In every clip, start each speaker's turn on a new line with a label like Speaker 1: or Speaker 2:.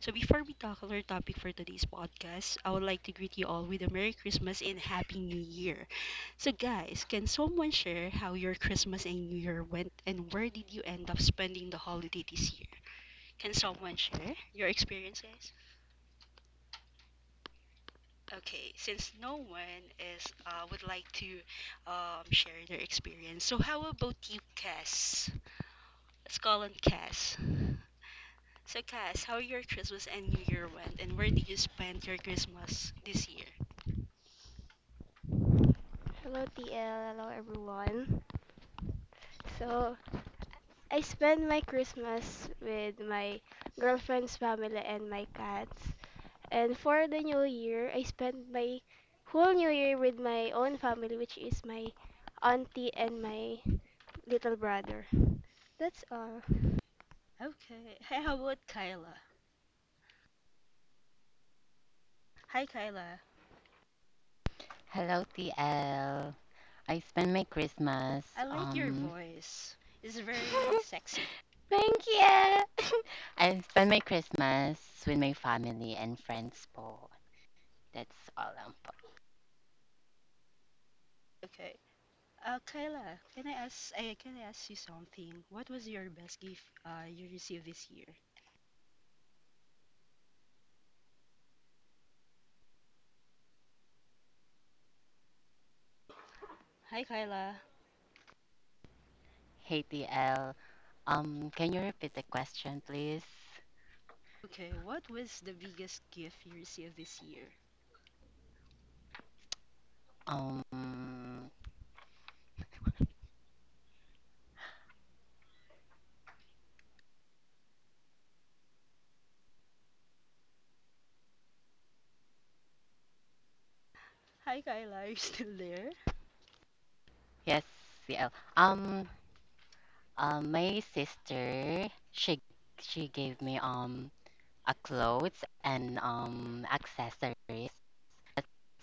Speaker 1: So, before we tackle our topic for today's podcast, I would like to greet you all with a Merry Christmas and Happy New Year. So, guys, can someone share how your Christmas and New Year went, and where did you end up spending the holiday this year? Can someone share your experience, guys? Okay, since no one is would like to share their experience, so how about you, Cass? Let's call on Cass. So, Cass, how your Christmas and New Year went, and where did you spend your Christmas this year?
Speaker 2: Hello, TL. Hello, everyone. So, I spend my Christmas with my girlfriend's family and my cats. And for the new year, I spend my whole new year with my own family, which is my auntie and my little brother. That's all.
Speaker 1: Okay. Hey, how about Kyla? Hi, Kyla.
Speaker 3: Hello, T L. I spent my
Speaker 1: I
Speaker 3: Christmas,
Speaker 1: like your voice. It's very sexy.
Speaker 3: thank you. I spent my Christmas with my family and friends, po. That's all, po.
Speaker 1: Okay. Kyla, can I ask? I can I ask you something? What was your best gift you received this year? Hi, Kyla.
Speaker 3: Hey, TL. Can you repeat the question, please?
Speaker 1: Okay. What was the biggest gift you received this year?
Speaker 3: Um,
Speaker 1: Hi, Kyla. Are you still there?
Speaker 3: yes, TL. Um, my sister, she gave me a clothes and accessories.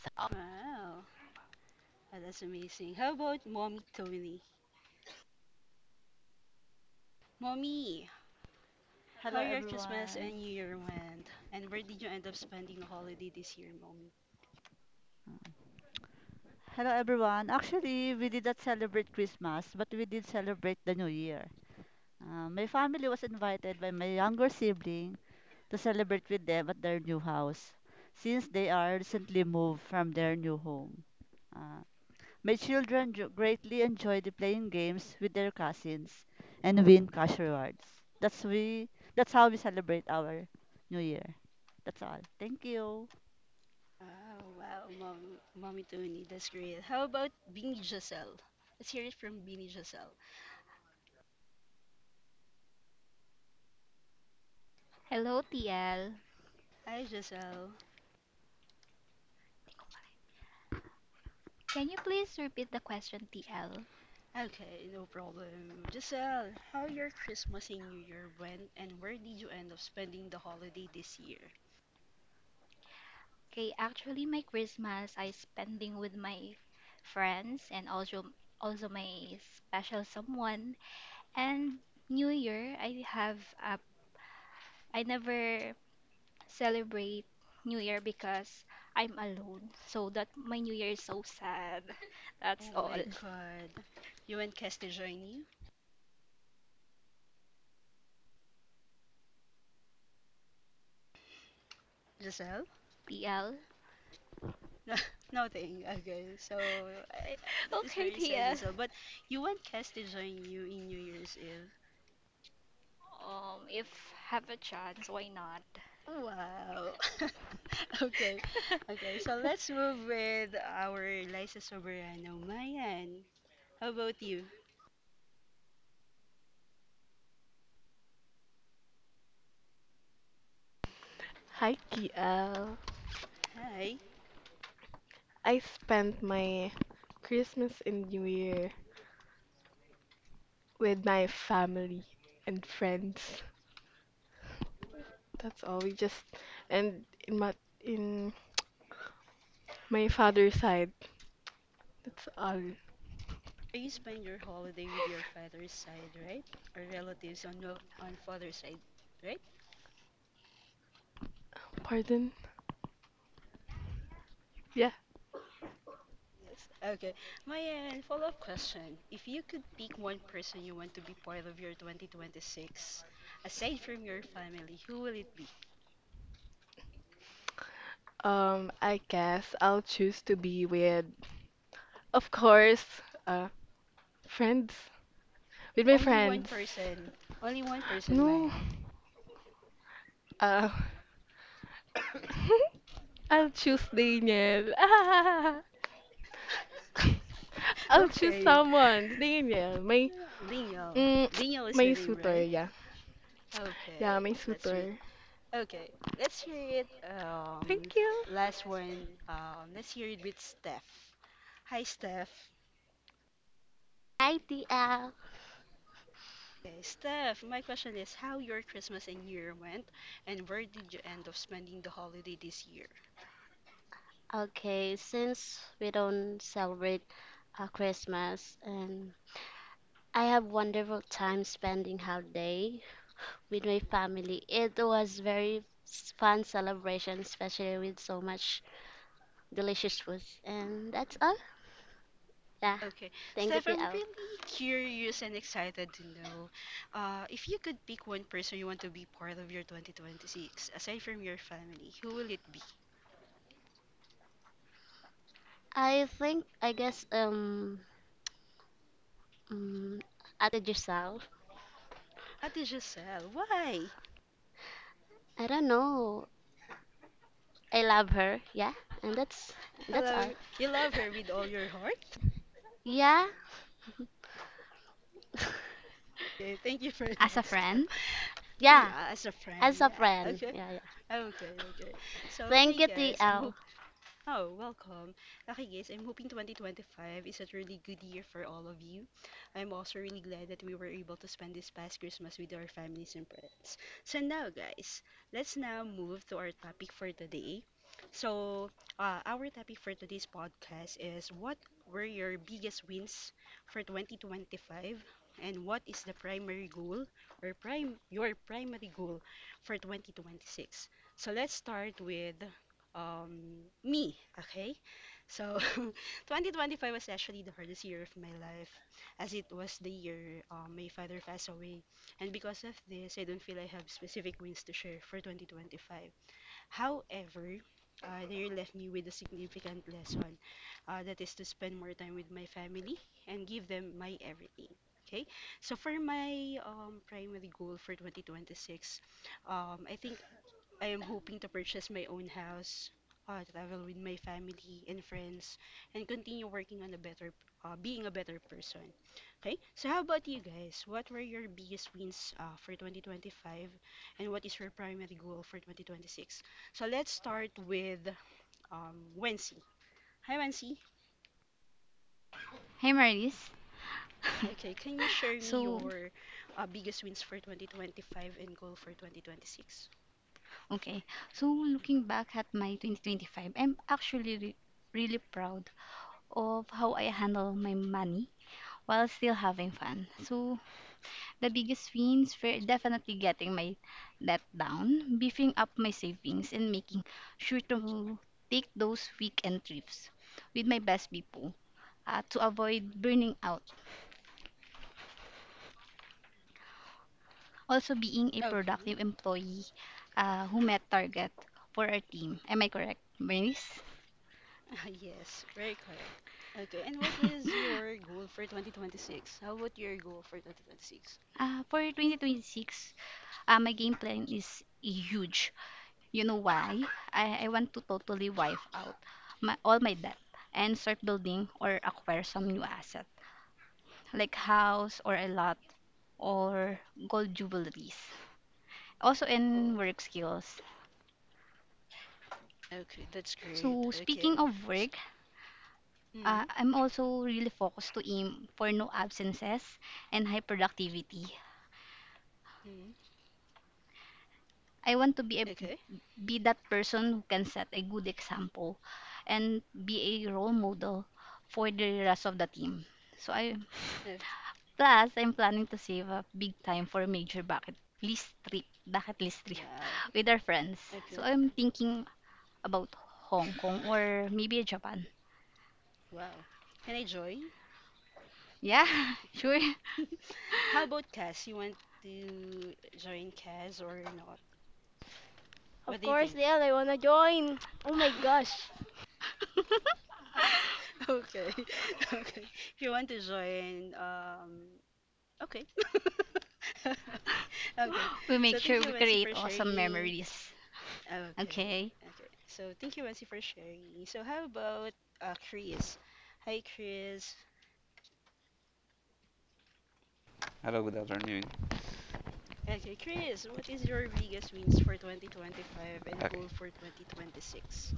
Speaker 3: So,
Speaker 1: Wow. Ah, that's amazing. How about mommy Tony? Mommy, how
Speaker 4: Hello
Speaker 1: your Christmas and
Speaker 4: everyone.
Speaker 1: New Year went, and where did you end up spending the holiday this year, mommy?
Speaker 4: Hello everyone. Actually, we did not celebrate Christmas, but we did celebrate the New Year. My family was invited by my younger sibling to celebrate with them at their new house, since they are recently moved from their new home. Uh, my children greatly enjoyed playing games with their cousins and win cash rewards. That's we. That's how we celebrate our New Year. That's all. Thank you.
Speaker 1: Oh wow, mommy Tony, that's great. How about Beanie Giselle? Let's hear it from Beanie Giselle.
Speaker 5: Hello, TL.
Speaker 1: Hi Giselle.
Speaker 5: Can you please repeat the question, TL?
Speaker 1: Okay, no problem. Giselle, how your Christmas and New Year went, and where did you end up spending the holiday this year?
Speaker 5: Okay, actually, my Christmas I spending with my friends and also my special someone. And New Year, I never celebrate New Year because I'm alone. So that my New Year is so sad. That's
Speaker 1: Oh
Speaker 5: all,
Speaker 1: my God, you and Castigiani, Giselle?
Speaker 5: TL.
Speaker 1: No, nothing. Okay. That is
Speaker 5: Okay,
Speaker 1: very sad,
Speaker 5: TL.
Speaker 1: Giselle. But you want Cass to join you in New Year's Eve.
Speaker 5: If have a chance, why not?
Speaker 1: Wow. Okay. Okay. So let's move with our Liza Soberano. Mayan, how about you?
Speaker 6: Hi, Kiel,
Speaker 1: Hi.
Speaker 6: I spent my Christmas and New Year with my family and friends. That's all. We just and in my in my father's side. That's all.
Speaker 1: So you spend your holiday with your father's side, right? Or relatives on on father's side, right?
Speaker 6: Pardon? Yeah.
Speaker 1: Yes, okay. My follow-up question. If you could pick one person you want to be part of your 2026, aside from your family, who will it be?
Speaker 6: I guess I'll choose to be with, of course, uh, friends. With my
Speaker 1: Only one
Speaker 6: friends.
Speaker 1: person. Only one person,
Speaker 6: No.
Speaker 1: man.
Speaker 6: Uh, I'll choose Daniel. I'll choose
Speaker 1: Okay.
Speaker 6: someone. Tingin niya, may,
Speaker 1: Daniel.
Speaker 6: mm,
Speaker 1: Daniel is the
Speaker 6: may
Speaker 1: name,
Speaker 6: suitor,
Speaker 1: right?
Speaker 6: yeah. Yeah, may
Speaker 1: Okay, that's sweet.
Speaker 6: suitor.
Speaker 1: Okay, let's hear it.
Speaker 6: Thank you.
Speaker 1: Last one. Let's hear it with Steph. Hi, Steph.
Speaker 7: Hi, TL.
Speaker 1: Okay, Steph, my question is how your Christmas and New Year went, and where did you end up spending the holiday this year?
Speaker 7: Okay, since we don't celebrate Christmas, and I have wonderful time spending holiday with my family. It was very fun celebration, especially with so much delicious food. And that's all. Yeah,
Speaker 1: Okay,
Speaker 7: thank you,
Speaker 1: Steph, I'm
Speaker 7: TL.
Speaker 1: really curious and excited to know if you could pick one person you want to be part of your 2026, aside from your family, who will it be?
Speaker 7: I think I guess um Ate Giselle.
Speaker 1: What did Giselle? Why?
Speaker 7: I don't know. I love her. Yeah, and that's
Speaker 1: Hello,
Speaker 7: all.
Speaker 1: you love her with all your heart?
Speaker 7: Yeah.
Speaker 1: Okay, thank you for
Speaker 8: As
Speaker 1: that,
Speaker 8: a
Speaker 1: Steph.
Speaker 8: friend.
Speaker 7: Yeah,
Speaker 1: Yeah, as a friend.
Speaker 7: as a
Speaker 1: Yeah.
Speaker 7: friend.
Speaker 1: Okay.
Speaker 7: Yeah, yeah.
Speaker 1: Okay. Okay. So,
Speaker 7: Thank
Speaker 1: okay,
Speaker 7: you,
Speaker 1: guys, I'm
Speaker 7: TL.
Speaker 1: hoping. Oh, welcome. Okay, guys, I'm hoping 2025 is a really good year for all of you. I'm also really glad that we were able to spend this past Christmas with our families and friends. So now, guys, let's now move to our topic for today. So, our topic for today's podcast is what were your biggest wins for 2025 and what is the primary goal or prime your primary goal for 2026. So let's start with me, okay? So 2025 was actually the hardest year of my life as it was the year my father passed away. And because of this, I don't feel I have specific wins to share for 2025. However, the year left me with a significant lesson that is to spend more time with my family and give them my everything. Okay, so for my primary goal for 2026, I think I am hoping to purchase my own house, travel with my family and friends, and continue working on a being a better person. Okay, so how about you guys? What were your biggest wins for 2025, and what is your primary goal for 2026? So let's start with Wency. Hi, Wency.
Speaker 8: Hey Maris.
Speaker 1: Okay, can you share me
Speaker 8: so,
Speaker 1: your biggest wins for 2025 and goal for 2026?
Speaker 8: okay. Looking back at my 2025, I'm actually really proud of how I handle my money while still having fun. So the biggest wins were definitely getting my debt down, beefing up my savings, and making sure to take those weekend trips with my best people to avoid burning out, also being a
Speaker 1: Okay.
Speaker 8: productive employee who met target for our team. Am I correct, Bernice?
Speaker 1: Yes, very correct. Okay, and what was your goal for 2026? How about your goal for 2026?
Speaker 8: For 2026, my game plan is huge. You know why? I want to totally wipe out all my debt and start building or acquire some new asset like house or a lot or gold jewelries. Also in
Speaker 1: Oh,
Speaker 8: work skills.
Speaker 1: okay, that's great.
Speaker 8: So
Speaker 1: Okay.
Speaker 8: speaking of
Speaker 1: S
Speaker 8: work,
Speaker 1: mm,
Speaker 8: I'm also really focused to aim for no absences and high productivity.
Speaker 1: mm,
Speaker 8: I want to
Speaker 1: okay.
Speaker 8: be that person who can set a good example and be a role model for the rest of the team. So I
Speaker 1: Oh,
Speaker 8: plus I'm planning to save up big time for a major bucket list trip,
Speaker 1: wow.
Speaker 8: with our friends. So
Speaker 1: Okay.
Speaker 8: I'm thinking about Hong Kong or maybe Japan.
Speaker 1: Wow. Can I join?
Speaker 8: Yeah, sure.
Speaker 1: How about Cass? You want to join Cass or not?
Speaker 2: Of
Speaker 1: What do you
Speaker 2: course,
Speaker 1: think?
Speaker 2: TL, I wanna join. Oh my gosh.
Speaker 1: Okay. Okay. If you want to join, okay. Okay.
Speaker 8: We make
Speaker 1: So
Speaker 8: sure
Speaker 1: thank you,
Speaker 8: we
Speaker 1: Wensi,
Speaker 8: create
Speaker 1: for
Speaker 8: awesome
Speaker 1: sharing.
Speaker 8: memories.
Speaker 1: Okay,
Speaker 8: Okay.
Speaker 1: okay. So thank you, Wensi, for sharing. So how about Chris? Hi, Chris.
Speaker 9: Hello, good afternoon.
Speaker 1: Okay, Chris, what is your biggest wins for 2025 and
Speaker 9: Okay.
Speaker 1: goal for 2026?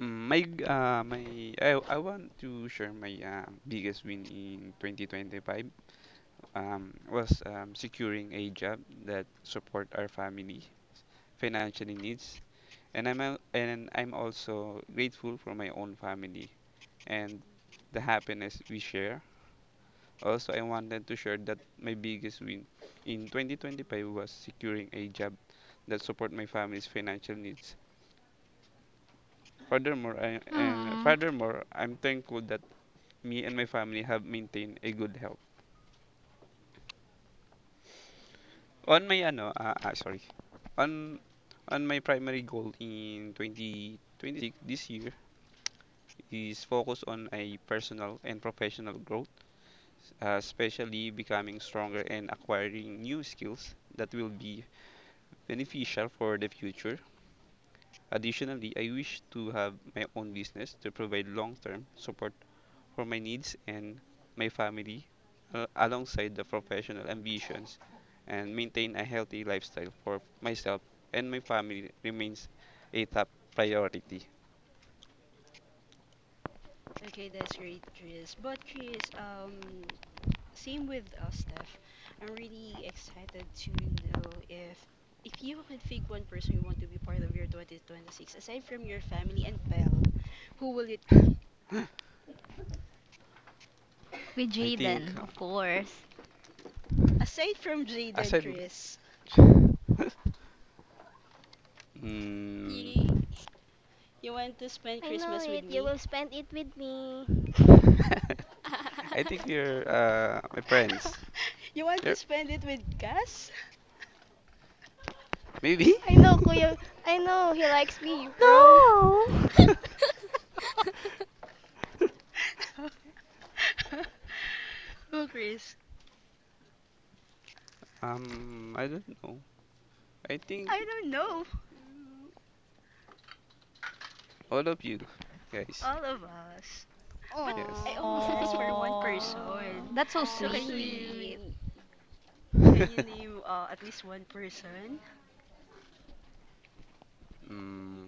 Speaker 9: My g- my I want to share my biggest win in 2025 was securing a job that support our family financial needs, and I'm also grateful for my own family and the happiness we share. Also, I wanted to share that my biggest win in 2025 was securing a job that support my family's financial needs. Furthermore, I, uh,
Speaker 8: Hmm.
Speaker 9: furthermore, I'm thankful that me and my family have maintained a good health. On my ano, ah, ah, sorry. On on my primary goal in 2026, this year, is focus on a personal and professional growth, especially becoming stronger and acquiring new skills that will be beneficial for the future. Additionally, I wish to have my own business to provide long-term support for my needs and my family, alongside the professional ambitions, and maintain a healthy lifestyle for myself and my family remains a top priority.
Speaker 1: Okay, that's great, Chris. But Chris, same with us, Steph. I'm really excited to know if you could pick one person you want to be part of your 2026, aside from your family and pal, who will it be?
Speaker 8: With
Speaker 9: I think,
Speaker 8: Jaden, of course.
Speaker 1: Aside from Jaden,
Speaker 9: aside,
Speaker 1: Chris.
Speaker 9: mm,
Speaker 10: Yeah.
Speaker 1: You want to spend
Speaker 2: I know
Speaker 1: Christmas with
Speaker 2: it. You will
Speaker 1: me?
Speaker 2: spend it with me.
Speaker 9: I think you're my friends.
Speaker 1: You want
Speaker 9: You're,
Speaker 1: to spend it with Gus?
Speaker 9: maybe?
Speaker 2: I know, Kuya. I know he likes me, bro.
Speaker 4: No.
Speaker 1: Oh, Chris,
Speaker 9: I don't know. I think
Speaker 1: I don't know.
Speaker 9: all of you guys.
Speaker 1: All of us. But
Speaker 9: Yes.
Speaker 1: I
Speaker 10: Aw.
Speaker 1: only asked for one
Speaker 5: Oh,
Speaker 1: person.
Speaker 4: Oh,
Speaker 8: That's so
Speaker 1: So
Speaker 5: so
Speaker 8: sweet.
Speaker 1: can
Speaker 5: sweet.
Speaker 4: sweet.
Speaker 1: you can you name at least one person?
Speaker 9: mm,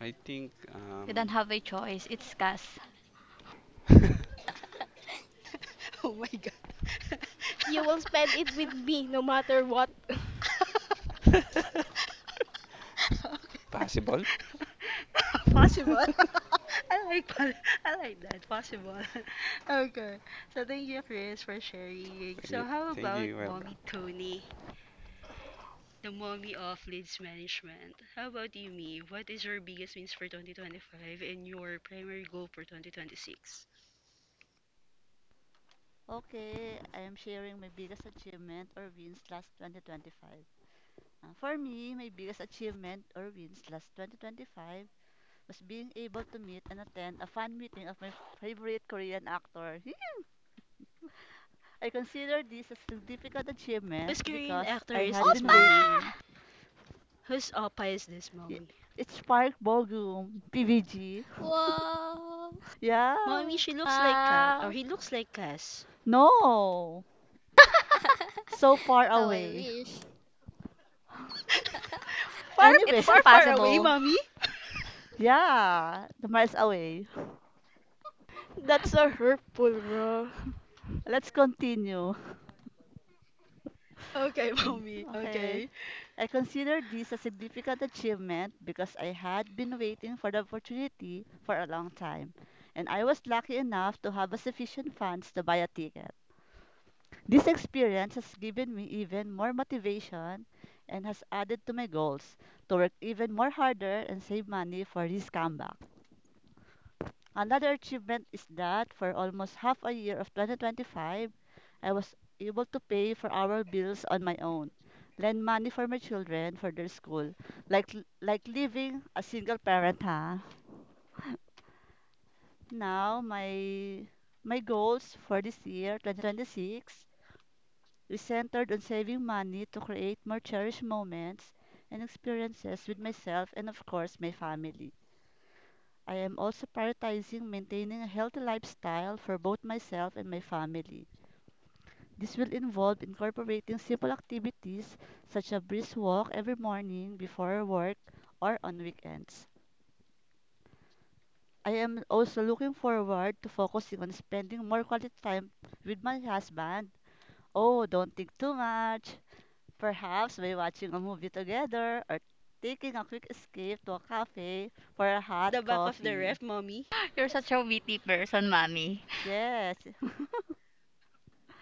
Speaker 9: I think
Speaker 8: We don't have a choice. It's Cass.
Speaker 1: Oh my god.
Speaker 2: You will spend it with me no matter what.
Speaker 1: Okay.
Speaker 9: Possible?
Speaker 1: Possible. I like pol- I like that. Possible. Okay. So thank you, Chris, for sharing.
Speaker 9: Thank
Speaker 1: So
Speaker 9: you.
Speaker 1: how
Speaker 9: Thank
Speaker 1: about
Speaker 9: you, welcome.
Speaker 1: Mommy Tony, the mommy of leads management? How about you, me? What is your biggest wins for 2025 and your primary goal for 2026?
Speaker 4: Okay, I am sharing my biggest achievement or wins last 2025. For me, my biggest achievement or wins last 2025 was being able to meet and attend a fan meeting of my favorite Korean actor. I consider this a significant
Speaker 1: Whose
Speaker 4: achievement
Speaker 1: Korean
Speaker 4: because
Speaker 1: actor
Speaker 4: I
Speaker 1: is
Speaker 4: had
Speaker 1: this
Speaker 4: been
Speaker 8: Opa!
Speaker 1: mommy?
Speaker 4: waiting.
Speaker 1: Whose oppa is this
Speaker 4: Y-
Speaker 1: mommy?
Speaker 4: It's Park Bogum, PVG.
Speaker 10: Wow.
Speaker 4: Yeah.
Speaker 1: Mommy, she looks like Cass, or
Speaker 7: Wow.
Speaker 1: he looks like Cass.
Speaker 4: No. So far
Speaker 10: How I
Speaker 4: away.
Speaker 10: wish.
Speaker 1: Far,
Speaker 8: It
Speaker 4: Anyway,
Speaker 8: is
Speaker 1: far, far away,
Speaker 8: impossible.
Speaker 1: mommy.
Speaker 4: yeah, the miles away.
Speaker 2: That's so hurtful, bro.
Speaker 4: Let's continue.
Speaker 1: Okay,
Speaker 4: Hmm,
Speaker 1: mommy.
Speaker 4: okay.
Speaker 1: Okay.
Speaker 4: I consider this a significant achievement because I had been waiting for the opportunity for a long time, and I was lucky enough to have a sufficient funds to buy a ticket. This experience has given me even more motivation and has added to my goals to work even more harder and save money for this comeback. Another achievement is that for almost half a year of 2025, I was able to pay for our bills on my own, lend money for my children for their school, like like living a single parent, huh? Now my goals for this year, 2026, is centered on saving money to create more cherished moments and experiences with myself and of course my family. I am also prioritizing maintaining a healthy lifestyle for both myself and my family. This will involve incorporating simple activities such as a brisk walk every morning before work or on weekends. I am also looking forward to focusing on spending more quality time with my husband. Oh, don't think too much. Perhaps by watching a movie together or taking a quick escape to a cafe for a
Speaker 1: At the
Speaker 4: hot
Speaker 1: back of the
Speaker 4: coffee.
Speaker 1: ref, mommy.
Speaker 8: You're such a witty person, mommy.
Speaker 4: Yes,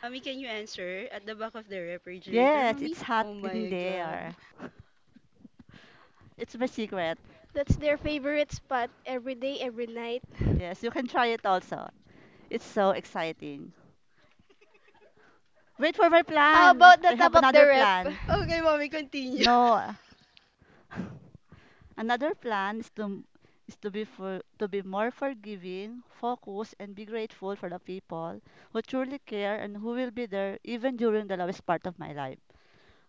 Speaker 1: Mommy, can you answer? At the back of the refrigerator,
Speaker 4: yes,
Speaker 1: mommy?
Speaker 4: it's hot
Speaker 1: Oh
Speaker 4: in
Speaker 1: my god.
Speaker 4: there. It's my secret.
Speaker 2: That's their favorite spot every day, every night.
Speaker 4: Yes, you can try it also. It's so exciting. Wait for my
Speaker 2: How
Speaker 4: plan.
Speaker 2: about the
Speaker 4: I have
Speaker 2: top of the
Speaker 4: another
Speaker 2: rep?
Speaker 4: plan.
Speaker 1: Okay, mommy, continue.
Speaker 4: No, another plan is to be for to be more forgiving, focused, and be grateful for the people who truly care and who will be there even during the lowest part of my life.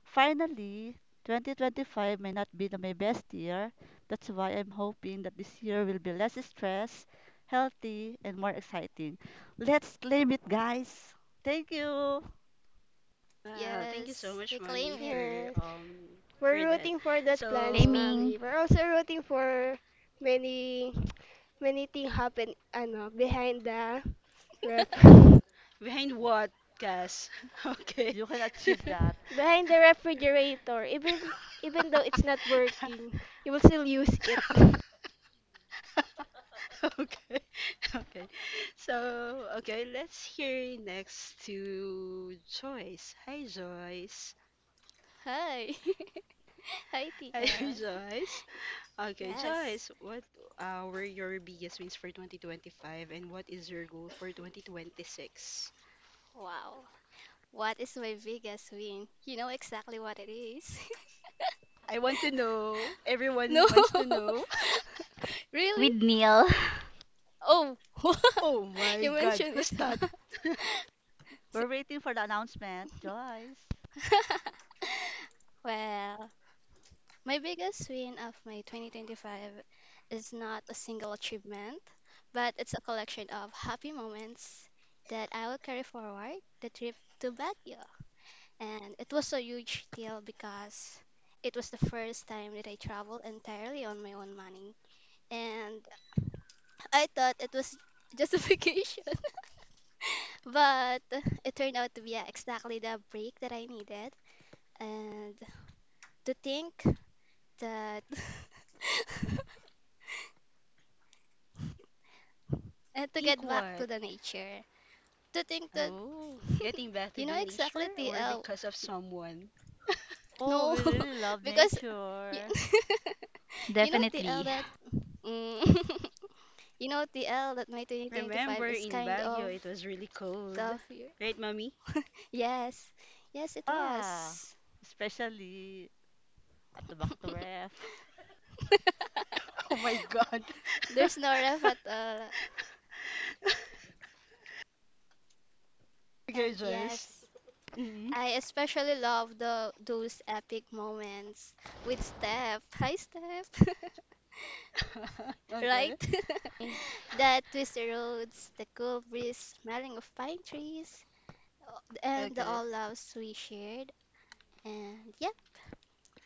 Speaker 4: Finally, 2025 may not be my best year. That's why I'm hoping that this year will be less stress, healthy, and more exciting. Let's claim it, guys. Thank you.
Speaker 1: Wow, thank you so
Speaker 10: Yes,
Speaker 1: much,
Speaker 10: we
Speaker 1: mommy,
Speaker 10: claim it.
Speaker 1: for
Speaker 2: Yes.
Speaker 1: for
Speaker 2: We're
Speaker 1: that.
Speaker 2: rooting for that plans,
Speaker 1: So
Speaker 8: Blaming.
Speaker 2: mommy. We're also rooting for many many things happen ano behind the ref.
Speaker 1: behind what, guys? Okay.
Speaker 4: You can achieve that.
Speaker 2: behind the refrigerator. Even though it's not working, you will still use it.
Speaker 1: Okay. Okay. So, okay, let's hear next to Joyce. Hi, Joyce.
Speaker 10: Hi. Hi,
Speaker 1: Hi,
Speaker 10: TL.
Speaker 1: Joyce. Okay,
Speaker 10: Yes.
Speaker 1: Joyce, what were your biggest wins for 2025 and what is your goal for 2026?
Speaker 10: Wow. What is my biggest win? You know exactly what it is.
Speaker 1: I want to know.
Speaker 10: No.
Speaker 1: Everyone wants to know.
Speaker 10: Really?
Speaker 8: With Neil.
Speaker 10: Oh,
Speaker 1: Oh my
Speaker 10: you
Speaker 1: God,
Speaker 10: mentioned
Speaker 1: who's
Speaker 10: it,
Speaker 1: that?
Speaker 10: huh?
Speaker 4: We're waiting for the announcement, Joyce.
Speaker 10: Well, my biggest win of my 2025 is not a single achievement, but it's a collection of happy moments that I will carry forward: the trip to Baguio. And it was a huge deal because it was the first time that I traveled entirely on my own money. And I thought it was just a vacation, but it turned out to be exactly the break that I needed. And to think that, and to
Speaker 1: Think
Speaker 10: get back to
Speaker 1: what?
Speaker 10: the nature. To think that,
Speaker 1: Oh, getting back to
Speaker 10: you know
Speaker 1: the
Speaker 10: exactly,
Speaker 1: nature or
Speaker 10: TL.
Speaker 1: because of someone?
Speaker 4: Oh,
Speaker 10: No,
Speaker 4: we really love
Speaker 10: because you,
Speaker 4: nature.
Speaker 10: you know, TL,
Speaker 8: Definitely.
Speaker 10: that, mm, you know, TL, that my 2025
Speaker 1: Remember
Speaker 10: is
Speaker 1: in
Speaker 10: kind
Speaker 1: Baguio,
Speaker 10: of
Speaker 1: it was really cold.
Speaker 10: tough year.
Speaker 1: Right, mommy?
Speaker 10: Yes, yes it
Speaker 4: Ah,
Speaker 10: was.
Speaker 4: especially at the back to ref.
Speaker 1: Oh my God.
Speaker 10: There's no ref at all.
Speaker 1: Okay,
Speaker 10: And
Speaker 1: Joyce.
Speaker 10: yes,
Speaker 1: Hmm.
Speaker 10: I especially love the those epic moments with Steph. Hi Steph, right?
Speaker 1: Okay.
Speaker 10: The twisted roads, the cool breeze smelling of pine trees, and the
Speaker 1: Okay.
Speaker 10: all loves we shared. And yeah,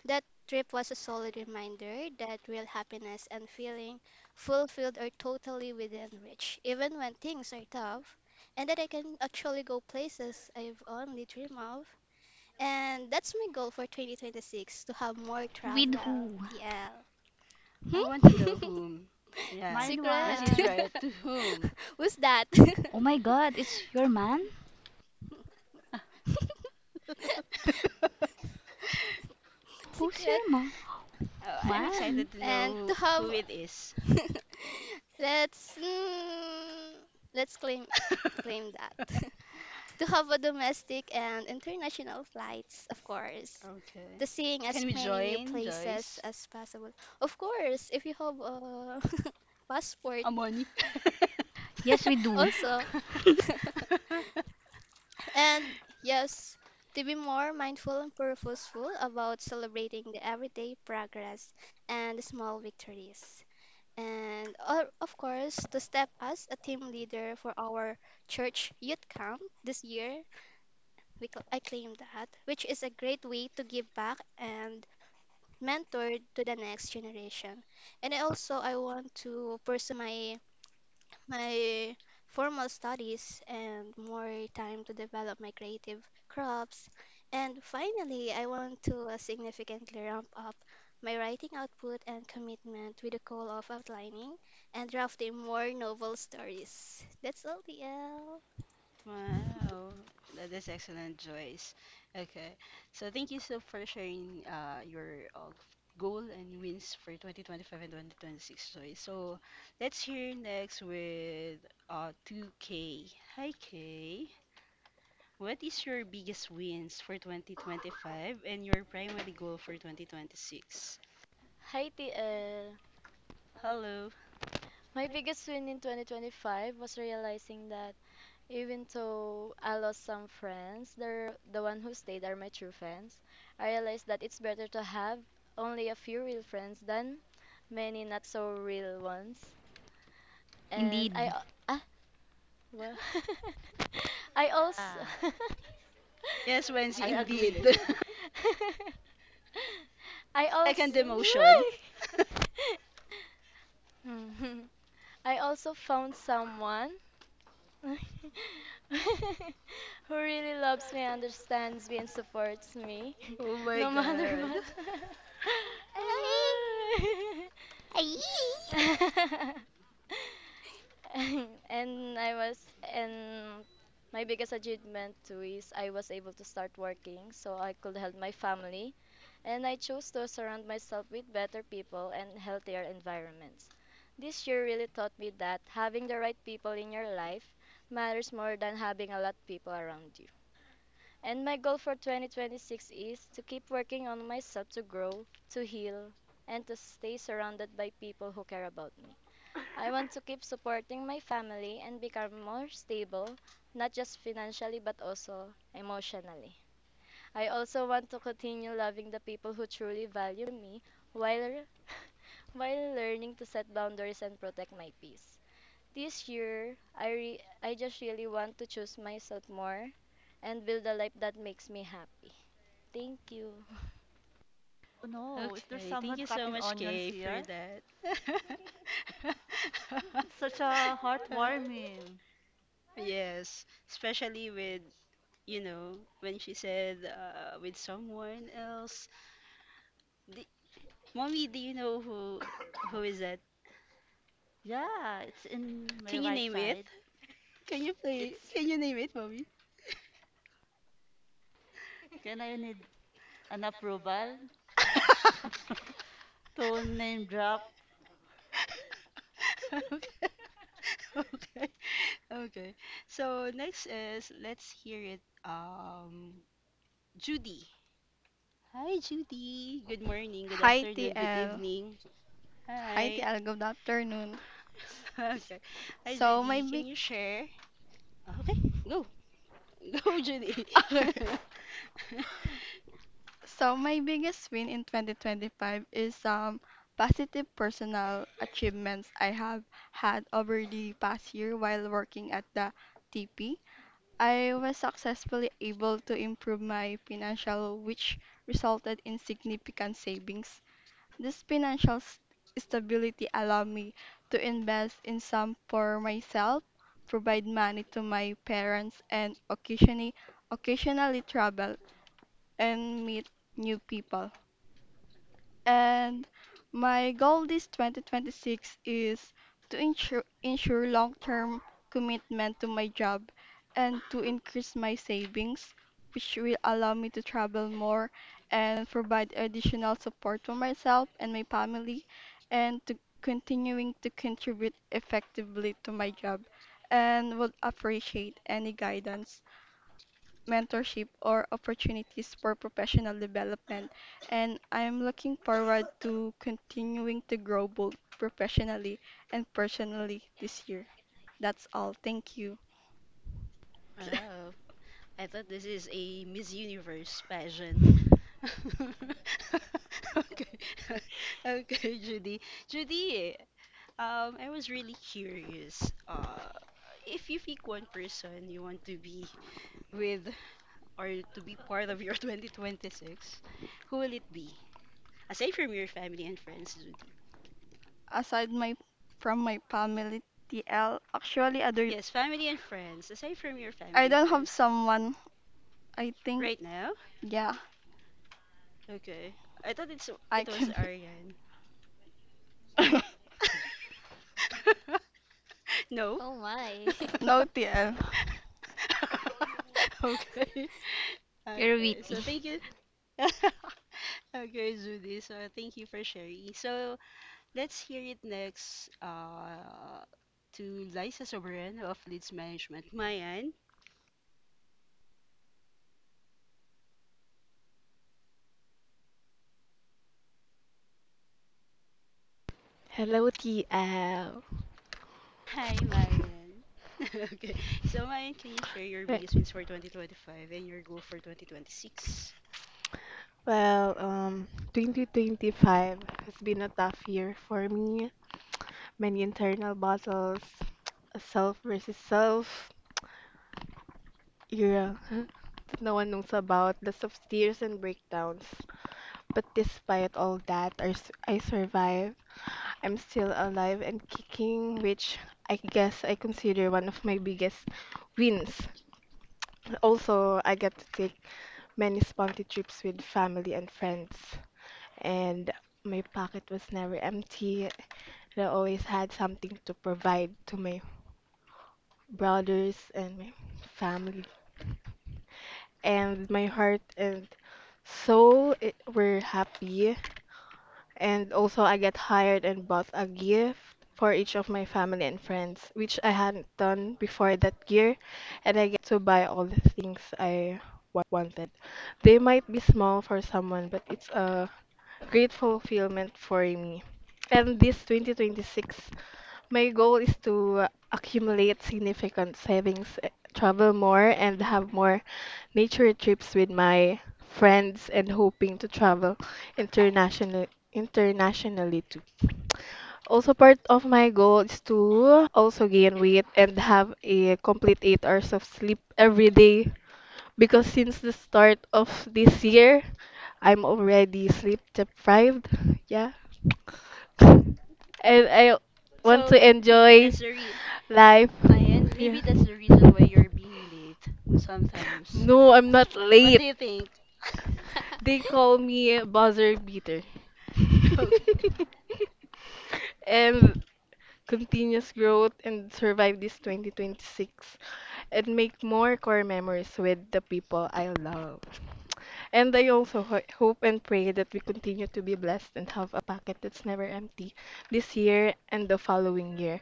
Speaker 10: that trip was a solid reminder that real happiness and feeling fulfilled are totally within reach, even when things are tough, and that I can actually go places I've only dreamed of. And that's my goal for 2026, to have more
Speaker 8: With
Speaker 10: travel.
Speaker 8: who?
Speaker 10: TL.
Speaker 1: I want to
Speaker 10: Hmm?
Speaker 1: know whom. Yeah,
Speaker 4: Mine
Speaker 1: when
Speaker 10: Secret.
Speaker 1: she's
Speaker 4: one.
Speaker 1: right, to whom?
Speaker 10: Who's that?
Speaker 8: Oh my god, it's your man? Who's
Speaker 10: Secret.
Speaker 8: your ma?
Speaker 1: Oh, I'm
Speaker 8: Man.
Speaker 1: excited to
Speaker 10: And to
Speaker 1: know
Speaker 10: have,
Speaker 1: who, it is.
Speaker 10: let's, let's claim, claim that, to have a domestic and international flights, of course,
Speaker 1: Okay.
Speaker 10: to seeing
Speaker 1: Can
Speaker 10: as
Speaker 1: we
Speaker 10: many new
Speaker 1: join,
Speaker 10: places
Speaker 1: Joyce?
Speaker 10: as possible, of course, if you have a passport
Speaker 1: Amani?
Speaker 8: Yes, we do.
Speaker 10: also. And yes, to be more mindful and purposeful about celebrating the everyday progress and the small victories, and of course to step as a team leader for our church youth camp this year. We I claim that, which is a great way to give back and mentor to the next generation. And I also I want to pursue my my formal studies and more time to develop my creative crops. And finally, I want to significantly ramp up my writing output and commitment, with the goal of outlining and drafting more novel stories. That's all, TL.
Speaker 1: Wow, that is excellent, Joyce. Okay, so thank you so for sharing your goal and wins for 2025 and 2026, Joyce. So let's hear next with 2K. Hi, Kay. What is your biggest wins for 2025 and your primary goal for 2026?
Speaker 11: Hi, TL.
Speaker 1: Hello.
Speaker 11: My biggest win in 2025 was realizing that even though I lost some friends, they're the one who stayed are my true friends. I realized that it's better to have only a few real friends than many not so real ones. And I
Speaker 8: Indeed.
Speaker 11: al- ah well, I also
Speaker 4: Ah,
Speaker 1: Yes, Wensi,
Speaker 4: I
Speaker 1: indeed.
Speaker 4: agree.
Speaker 11: I
Speaker 1: Second
Speaker 11: also.
Speaker 1: demotion.
Speaker 11: Why? I also found someone who really loves me, understands me, and supports me,
Speaker 1: Oh my
Speaker 11: no matter
Speaker 1: God.
Speaker 11: what.
Speaker 8: Aye.
Speaker 11: and I was and my biggest achievement too is I was able to start working so I could help my family, and I chose to surround myself with better people and healthier environments. This year really taught me that having the right people in your life matters more than having a lot of people around you. And my goal for 2026 is to keep working on myself, to grow, to heal, and to stay surrounded by people who care about me. I want to keep supporting my family and become more stable, not just financially but also emotionally. I also want to continue loving the people who truly value me while while learning to set boundaries and protect my peace. This year, I just really want to choose myself more and build a life that makes me happy. Thank you.
Speaker 4: Oh no, is there
Speaker 1: Okay, thank
Speaker 4: someone
Speaker 1: you so
Speaker 4: cutting
Speaker 1: much,
Speaker 4: onions
Speaker 1: Kay, for
Speaker 4: here?
Speaker 1: that.
Speaker 4: It's such a heartwarming.
Speaker 1: Yes, especially with, you know, when she said with someone else. The, mommy, do you know who is that?
Speaker 4: Yeah, it's in my
Speaker 1: Can you
Speaker 4: right
Speaker 1: name it?
Speaker 4: side.
Speaker 1: Can you play?
Speaker 4: It's,
Speaker 1: Can you name it, mommy?
Speaker 4: can I need an approval to name drop?
Speaker 1: Okay. Okay. Okay. So next is let's hear it. Judy. Hi, Judy. Good morning, good
Speaker 12: Hi
Speaker 1: afternoon, good
Speaker 12: TL.
Speaker 1: evening.
Speaker 12: Hi
Speaker 1: Hi.
Speaker 12: TL, good afternoon.
Speaker 1: Okay. Hi,
Speaker 12: So my
Speaker 1: Judy. Can
Speaker 12: big
Speaker 1: you share? Oh, okay, go. Go, Judy.
Speaker 12: So my biggest win in 2025 is some positive personal achievements I have had over the past year while working at the TP. I was successfully able to improve my financial, which resulted in significant savings. This financial stability allowed me to invest in some for myself, provide money to my parents, and occasionally travel and meet new people. And my goal this 2026 is to ensure long term commitment to my job and to increase my savings, which will allow me to travel more and provide additional support for myself and my family, and to continuing to contribute effectively to my job, and would appreciate any guidance, mentorship, or opportunities for professional development. And I'm looking forward to continuing to grow both professionally and personally this year. That's all. Thank you.
Speaker 1: Oh, I thought this is a Miss Universe pageant. Okay. Okay, Judy. Judy, I was really curious. If you pick one person you want to be with, or to be part of your 2026, who will it be? Aside from your family and friends, Judy.
Speaker 12: Aside my from my family TL, actually other
Speaker 1: Yes, family and friends. Aside from your
Speaker 12: I
Speaker 1: family and
Speaker 12: don't have
Speaker 1: friends.
Speaker 12: someone. I think
Speaker 1: Right now?
Speaker 12: yeah,
Speaker 1: Okay. I thought it's
Speaker 12: I
Speaker 1: it was
Speaker 12: can.
Speaker 1: Ariane. No.
Speaker 10: Oh my.
Speaker 12: No TL.
Speaker 1: Okay.
Speaker 8: You're
Speaker 1: Okay.
Speaker 8: witty.
Speaker 1: So thank you. Okay, Judy. So thank you for sharing. So let's hear it next to Liza Sobrano of Leads Management. Mayan.
Speaker 6: Hello, TL.
Speaker 1: Hi, Mayan. Okay. So, Mayan, can you share your
Speaker 6: Right.
Speaker 1: biggest wins for 2025 and your goal for 2026?
Speaker 6: Well, 2025 has been a tough year for me. Many internal battles, a self versus self era that no one knows about, lots of tears and breakdowns. But despite all that, I survived. I'm still alive and kicking, which I guess I consider one of my biggest wins. Also, I get to take many spunky trips with family and friends, and my pocket was never empty. I always had something to provide to my brothers and my family, and my heart and soul it, were happy. And also, I get hired and bought a gift for each of my family and friends, which I hadn't done before that year. And I get to buy all the things I wanted. They might be small for someone, but it's a great fulfillment for me. And this 2026, my goal is to accumulate significant savings, travel more, and have more nature trips with my friends, and hoping to travel international internationally too. Also part of my goal is to also gain weight and have a complete 8 hours of sleep every day, because since the start of this year I'm already sleep deprived. Yeah, and I want to
Speaker 1: So, maybe
Speaker 6: enjoy
Speaker 1: that's the re
Speaker 6: life.
Speaker 1: Mayan,
Speaker 6: Yeah.
Speaker 1: maybe that's the reason why you're being late sometimes.
Speaker 6: No, I'm not
Speaker 1: What do
Speaker 6: late.
Speaker 1: you think?
Speaker 6: They call me buzzer beater.
Speaker 1: Okay.
Speaker 6: And continuous growth, and survive this 2026 and make more core memories with the people I love. And I also hope and pray that we continue to be blessed and have a pocket that's never empty this year and the following year.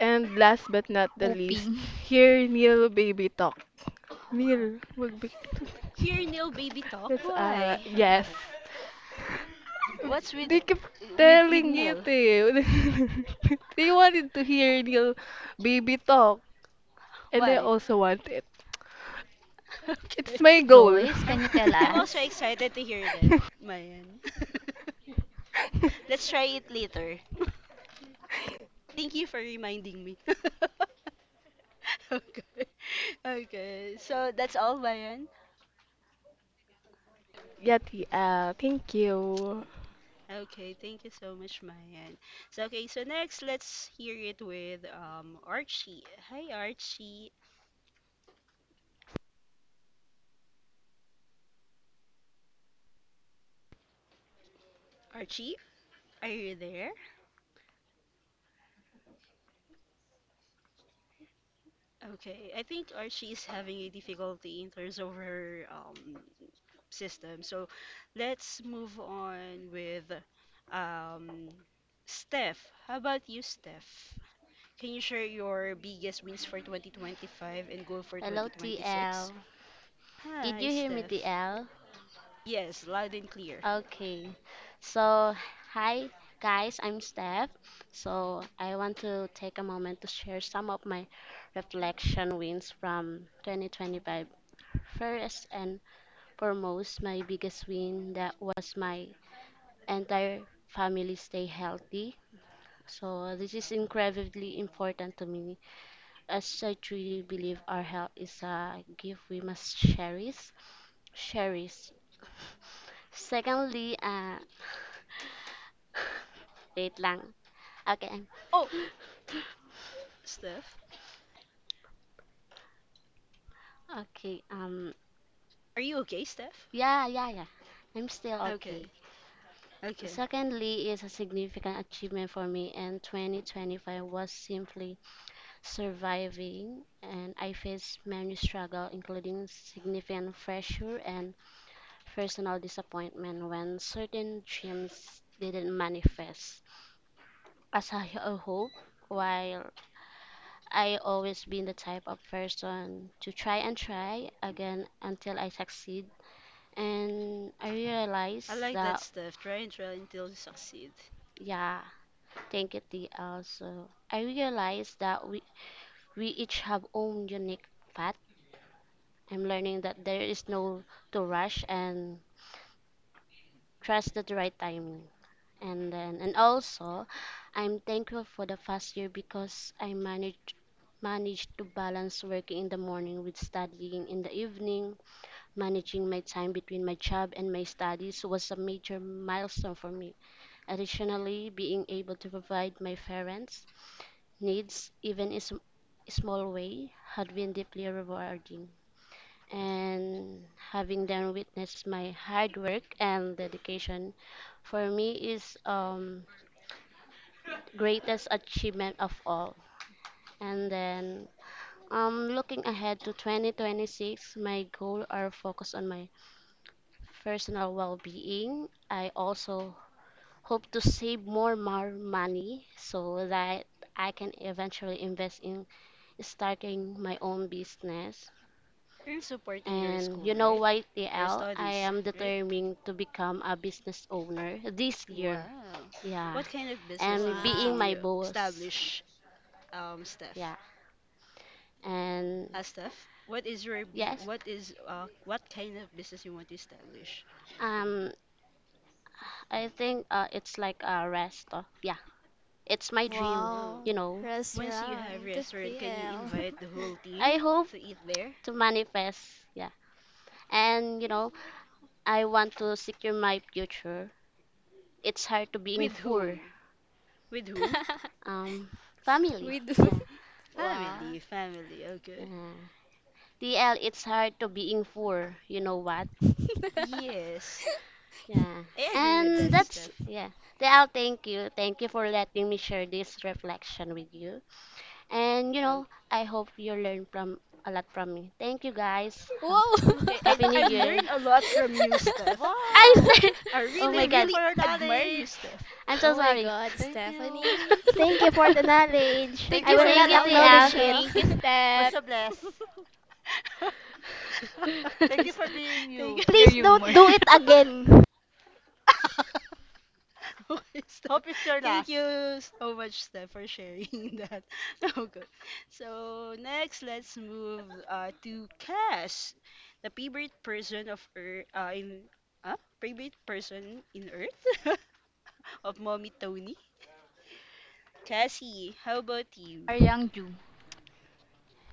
Speaker 6: And last but not the least,
Speaker 8: Hoping.
Speaker 6: here Neil baby talk. Neil, wag big-
Speaker 1: Here, Neil, baby talk.
Speaker 6: It's
Speaker 1: Why?
Speaker 6: yes.
Speaker 1: What's with
Speaker 6: They kept
Speaker 1: with with
Speaker 6: telling it
Speaker 1: Neil?
Speaker 6: eh. They wanted to hear Neil baby talk, and I
Speaker 1: Why?
Speaker 6: also want it. It's
Speaker 1: Okay.
Speaker 6: my goal.
Speaker 8: Joyce,
Speaker 1: I'm
Speaker 8: can you tell
Speaker 1: I'm also
Speaker 8: us?
Speaker 1: excited to hear that, Mayan. Let's try it later. Thank you for reminding me. Okay. Okay. So that's all, Mayan.
Speaker 6: Yeah, Tia, thank you.
Speaker 1: Okay, thank you so much, Mayan. So okay, so next let's hear it with Archie. Hi Archie. Archie, are you there? Okay, I think Archie is having a difficulty in terms of her system. So let's move on with um, Steph. How about you, Steph? Can you share your biggest wins for 2025 and goal for
Speaker 7: Hello,
Speaker 1: 2026?
Speaker 7: TL. Did
Speaker 1: Hi,
Speaker 7: you hear me,
Speaker 1: Steph.
Speaker 7: TL?
Speaker 1: Yes, loud and clear.
Speaker 7: Okay. So, hi guys, I'm Steph. So, I want to take a moment to share some of my reflection wins from 2025. First and foremost, my biggest win that was my entire family stay healthy. So this is incredibly important to me as I truly believe our health is a gift we must cherish. Secondly, wait lang. Okay.
Speaker 1: Oh, Steph.
Speaker 7: Okay.
Speaker 1: Are you okay, Steph?
Speaker 7: Yeah. Yeah. Yeah. I'm still
Speaker 1: Okay,
Speaker 7: okay.
Speaker 1: okay.
Speaker 7: Secondly, is a significant achievement for me, and 2025 was simply surviving. And I faced many struggles, including significant pressure and personal disappointment when certain dreams didn't manifest as I hope. While I always been the type of person to try and try again until I succeed, and I
Speaker 1: I
Speaker 7: realized
Speaker 1: like that,
Speaker 7: that,
Speaker 1: Steph. Try and try until you succeed.
Speaker 7: yeah, thank you, T. Also, I realized that we each have own unique path. I'm learning that there is no to rush and trust at the right timing. And then, and also, I'm thankful for the past year because I managed to balance working in the morning with studying in the evening. Managing my time between my job and my studies was a major milestone for me. Additionally, being able to provide my parents' needs, even in small way, had been deeply rewarding. And having them witness my hard work and dedication for me is greatest achievement of all. And then looking ahead to 2026, my goal are focus on my personal well-being. I also hope to save more money so that I can eventually invest in starting my own business.
Speaker 1: You're supporting your
Speaker 7: And
Speaker 1: school,
Speaker 7: you know
Speaker 1: right?
Speaker 7: what,
Speaker 1: Your
Speaker 7: TL, I
Speaker 1: studies,
Speaker 7: am
Speaker 1: right?
Speaker 7: determined to become a business owner this year.
Speaker 1: Wow.
Speaker 7: Yeah.
Speaker 1: What kind of business do you
Speaker 7: And
Speaker 1: want
Speaker 7: being
Speaker 10: Wow.
Speaker 7: my
Speaker 1: to
Speaker 7: boss.
Speaker 1: establish Steph.
Speaker 7: Yeah. And
Speaker 1: Steph,
Speaker 7: yes,
Speaker 1: what is what kind of business you want to establish?
Speaker 7: Um, I think it's like a rest. Of, yeah, it's my dream.
Speaker 1: Oh,
Speaker 10: Wow.
Speaker 7: You know,
Speaker 1: once you have
Speaker 10: Restaurant,
Speaker 1: restaurant, can you
Speaker 10: TL.
Speaker 1: invite the whole
Speaker 7: I
Speaker 1: team
Speaker 7: hope
Speaker 1: to eat there?
Speaker 7: to manifest. Yeah, and you know, I want to secure my future. It's hard to being
Speaker 1: With
Speaker 7: poor.
Speaker 1: whom? With whom?
Speaker 7: Um, family.
Speaker 10: We do.
Speaker 7: Yeah,
Speaker 10: Wow.
Speaker 1: Family, family. Okay.
Speaker 7: yeah. DL, it's hard to being poor. You know what?
Speaker 1: Yes,
Speaker 7: Yeah,
Speaker 1: I agree with
Speaker 7: and
Speaker 1: that,
Speaker 10: It's-
Speaker 7: that's
Speaker 1: Steph.
Speaker 7: yeah. DL, thank you, for letting me share this reflection with you. And you
Speaker 1: Oh,
Speaker 7: know, I hope you learn from a lot from me. Thank you, guys. Have
Speaker 10: Wow.
Speaker 1: okay, and
Speaker 7: Happy New
Speaker 1: I
Speaker 7: Year.
Speaker 1: learn a lot from you, Steph.
Speaker 4: Wow!
Speaker 7: I,
Speaker 1: I
Speaker 7: oh
Speaker 1: really,
Speaker 7: my
Speaker 4: Thank you
Speaker 7: God.
Speaker 1: really
Speaker 4: for your
Speaker 1: admire you,
Speaker 4: knowledge!
Speaker 1: Steph.
Speaker 7: I'm so
Speaker 10: Oh my
Speaker 7: sorry.
Speaker 10: God,
Speaker 4: Thank you!
Speaker 10: Stephanie.
Speaker 2: Thank you for the knowledge.
Speaker 4: Thank
Speaker 10: Thank
Speaker 4: you
Speaker 2: I
Speaker 10: you
Speaker 4: for
Speaker 2: will
Speaker 10: for
Speaker 4: the
Speaker 10: the
Speaker 7: Thank
Speaker 2: not
Speaker 7: you, TL.
Speaker 10: knowledge,
Speaker 2: acknowledge it.
Speaker 10: huh?
Speaker 4: knowledge!
Speaker 5: Thank you,
Speaker 4: We're
Speaker 5: Step.
Speaker 4: so blessed. Thank
Speaker 1: Okay,
Speaker 4: you for
Speaker 1: stop.
Speaker 4: being
Speaker 1: Thank
Speaker 4: you.
Speaker 1: you.
Speaker 8: Your
Speaker 2: Please don't
Speaker 8: humor.
Speaker 2: do it again.
Speaker 1: Okay, Steph.
Speaker 4: Hope it's your
Speaker 1: Thank
Speaker 4: last.
Speaker 1: you so much, Steph, for sharing that. Okay. So next, let's move to Cass, the favorite person of Earth in favorite person in Earth of Mommy Tony. Cassie, how about you?
Speaker 8: Are Yang Ju.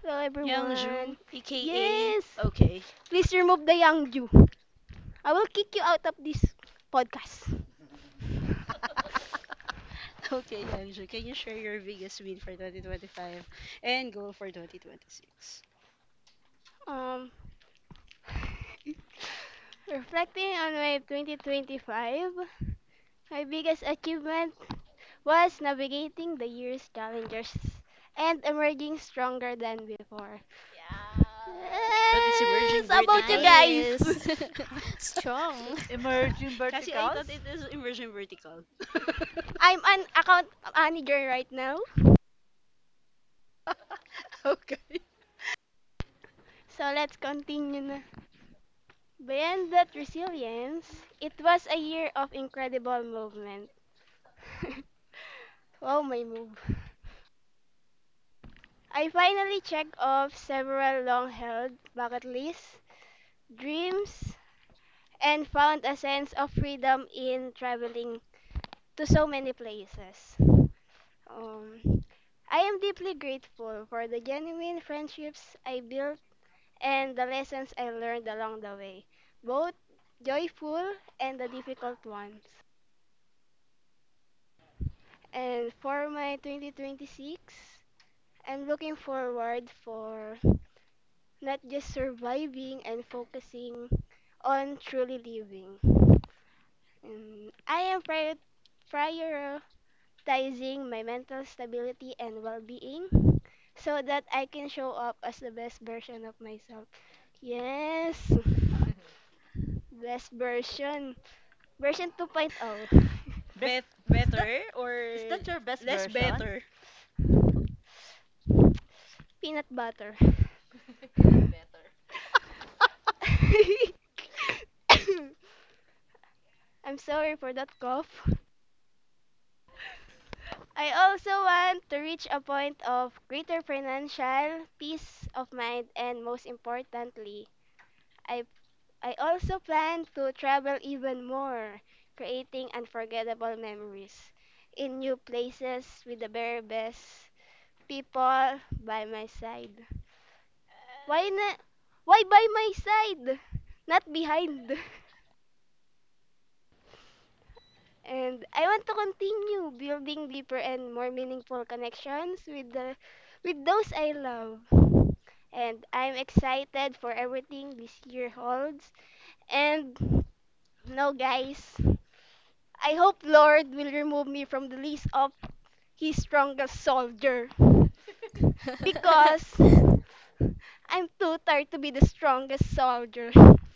Speaker 2: Hello,
Speaker 1: Youngju,
Speaker 2: everyone.
Speaker 1: aka
Speaker 2: Yes.
Speaker 1: okay.
Speaker 2: Please remove the young Jew. I will kick you out of this podcast.
Speaker 1: Okay, Anju, can you share your biggest win for 2025 and goal for 2026?
Speaker 2: Um Reflecting on Wave 2025, my biggest achievement was navigating the year's challenges and emerging stronger than before. Yes.
Speaker 1: It's emerging
Speaker 2: How about you
Speaker 1: vertical.
Speaker 2: guys?
Speaker 10: Nice.
Speaker 1: I thought-
Speaker 10: Strong.
Speaker 1: it-
Speaker 4: Emerging
Speaker 1: Kasi I thought
Speaker 4: verticals?
Speaker 1: it is emerging vertical.
Speaker 2: I'm an account manager right now.
Speaker 1: Okay.
Speaker 2: So let's continue na. Beyond that resilience, it was a year of incredible movement. Wow, my move. I finally checked off several long held bucket lists, dreams, and found a sense of freedom in traveling to so many places. Um, I am deeply grateful for the genuine friendships I built and the lessons I learned along the way, both joyful and the difficult ones. And for my 2026, I'm looking forward for not just surviving and focusing on truly living. And I am prioritizing my mental stability and well-being so that I can show up as the best version of myself. Yes, best version. Version 2.0.
Speaker 4: Best is that
Speaker 1: Better
Speaker 4: is
Speaker 1: or
Speaker 4: that your best
Speaker 1: less
Speaker 4: version?
Speaker 1: better?
Speaker 2: Peanut butter. I'm sorry for that cough. I also want to reach a point of greater financial peace of mind, and most importantly, I I also plan to travel even more, creating unforgettable memories in new places with the very best people by my side. Why na why by my side? Not behind. And I want to continue building deeper and more meaningful connections with the with those I love, and I'm excited for everything this year holds. And no, guys, I hope Lord will remove me from the list of His strongest soldier because I'm too tired to be the strongest soldier.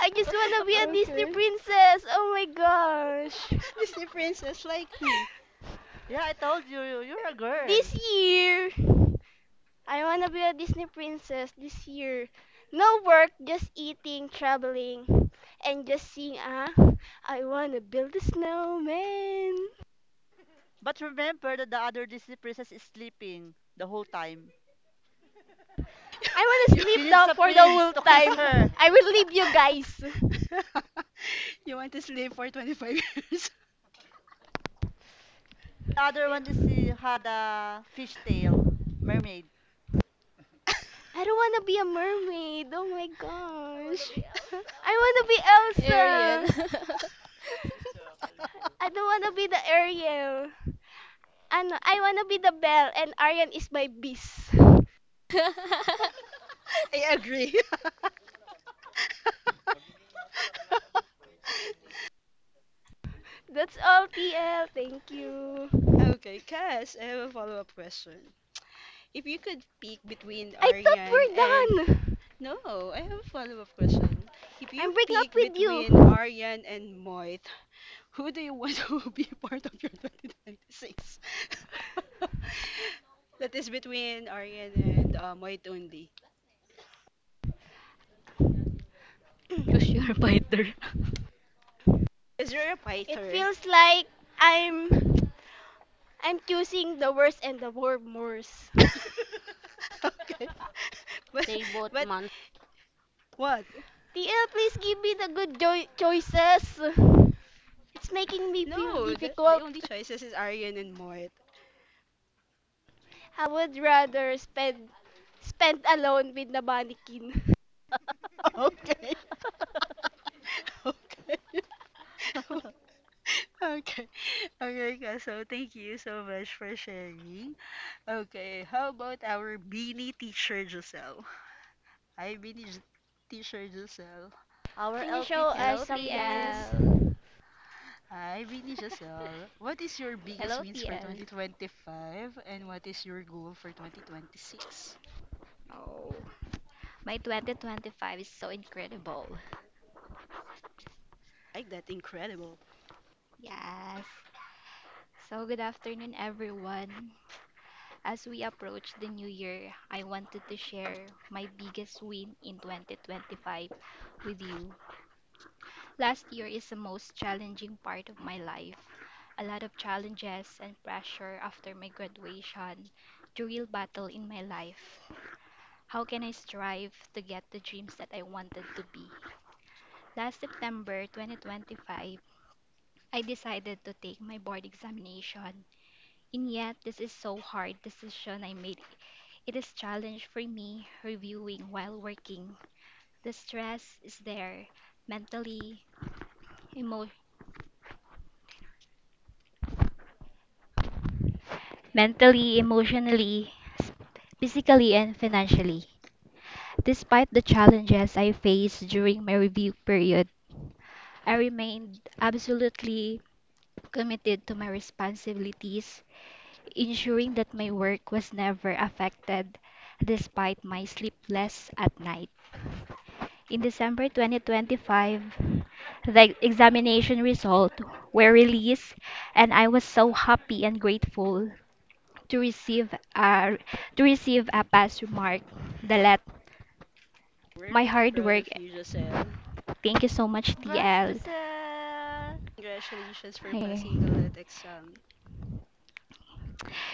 Speaker 2: I just wanna be a Disney
Speaker 1: Okay.
Speaker 2: princess. Oh my gosh.
Speaker 1: Disney princess like who?
Speaker 4: Yeah, I told you you're a girl.
Speaker 2: This year, I wanna be a Disney princess this year. No work, just eating, traveling, and just seeing. Ah, I wanna build a snowman.
Speaker 4: But remember that the other Disney princess is sleeping the whole time.
Speaker 2: I wanna
Speaker 1: You.
Speaker 2: sleep
Speaker 4: She
Speaker 2: now
Speaker 4: needs a
Speaker 2: for the
Speaker 4: prince
Speaker 2: whole
Speaker 4: to kiss
Speaker 2: time.
Speaker 4: her.
Speaker 2: I will leave you guys.
Speaker 1: You want to sleep for 25 years?
Speaker 4: The other one is she had a fishtail mermaid.
Speaker 2: I don't wanna be a mermaid. Oh my gosh. I
Speaker 10: Ariel.
Speaker 2: wanna be Elsa. I don't wanna be the Ariel. Ano, I wanna be the Belle, and Arian is my beast.
Speaker 1: I agree.
Speaker 2: That's all, TL. Thank you.
Speaker 1: Okay, Cass, I have a follow-up question. If you could pick between
Speaker 2: I thought
Speaker 1: Aryan and
Speaker 2: we're done.
Speaker 1: no, I have a follow-up question. If you
Speaker 2: I'm breaking
Speaker 1: pick
Speaker 2: up with
Speaker 1: between
Speaker 2: you.
Speaker 1: Aryan and Moit, who do you want to be part of your 2026? That is between Aryan and Moit only.
Speaker 8: Choose your fighter.
Speaker 1: Because you're a
Speaker 2: It
Speaker 1: Pyther?
Speaker 2: feels like I'm I'm choosing the worst and the worst.
Speaker 1: Okay. But,
Speaker 7: They both
Speaker 1: but
Speaker 7: months.
Speaker 1: what?
Speaker 2: TL, please give me the good choices. It's making me feel
Speaker 1: No, the
Speaker 2: difficult.
Speaker 1: only choices is Aryan and Moit.
Speaker 2: I would rather spend alone with the mannequin.
Speaker 1: Okay. Okay. Okay. Okay, guys. So thank you so much for sharing. Okay, how about our beanie teacher Giselle? Hi, beanie teacher Giselle.
Speaker 4: Our
Speaker 2: Can you show us
Speaker 4: LPT
Speaker 5: Hello,
Speaker 2: some
Speaker 4: queen.
Speaker 2: dance?
Speaker 5: TL.
Speaker 1: Hi, beanie Giselle. What is your biggest
Speaker 5: Hello,
Speaker 1: wins for
Speaker 5: TL.
Speaker 1: 2025 and what is your goal for 2026?
Speaker 5: Oh, my 2025 is so incredible.
Speaker 1: Like that, incredible.
Speaker 5: Yes. So, good afternoon, everyone. As we approach the new year, I wanted to share my biggest win in 2025 with you. Last year is the most challenging part of my life. A lot of challenges and pressure after my graduation, the real battle in my life. How can I strive to get the dreams that I wanted to be? Last September 2025, I decided to take my board examination. And yet, this is so hard decision I made. It is challenge for me reviewing while working. The stress is there mentally, emo- emotionally, s- physically, and financially. Despite the challenges I faced during my review period, I remained absolutely committed to my responsibilities, ensuring that my work was never affected despite my sleepless at night. In December 2025, the examination results were released and I was so happy and grateful to receive a pass remark that let
Speaker 1: We're
Speaker 5: my
Speaker 1: really
Speaker 5: hard
Speaker 1: proud
Speaker 5: work.
Speaker 1: of you, Giselle.
Speaker 5: Thank you so much,
Speaker 4: Congrats,
Speaker 5: TL.
Speaker 4: Giselle.
Speaker 1: Congratulations for
Speaker 5: Ay,
Speaker 1: passing the LET exam.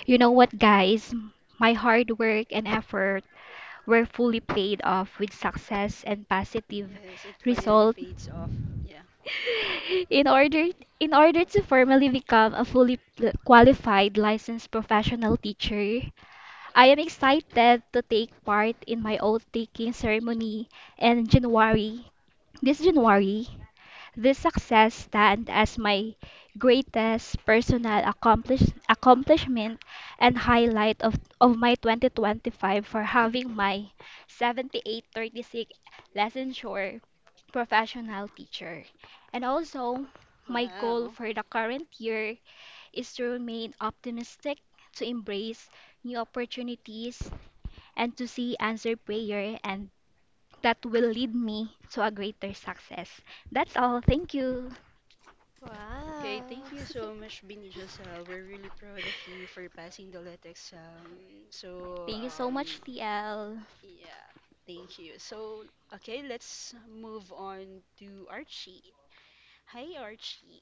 Speaker 5: you know what, guys, my hard work and effort were fully paid off with success and positive
Speaker 1: Yes, it finally
Speaker 5: result.
Speaker 1: fades off. Yeah.
Speaker 5: in order in order to formally become a qualified licensed professional teacher, I am excited to take part in my oath taking ceremony in January. This January, this success stands as my greatest personal accomplishment and highlight of my 2025, for having my 7836 lesson sure professional teacher. And also, my goal
Speaker 1: Wow.
Speaker 5: for the current year is to remain optimistic, to embrace new opportunities, and to see answered prayer and that will lead me to a greater success. That's all. Thank you.
Speaker 1: Okay, thank
Speaker 10: Wow.
Speaker 1: you so much, Bini Giselle. We're really proud of you for passing the lit exam. So,
Speaker 5: Thank you so much, TL.
Speaker 1: yeah, thank you. So, okay, let's move on to Archie. Hi, Archie.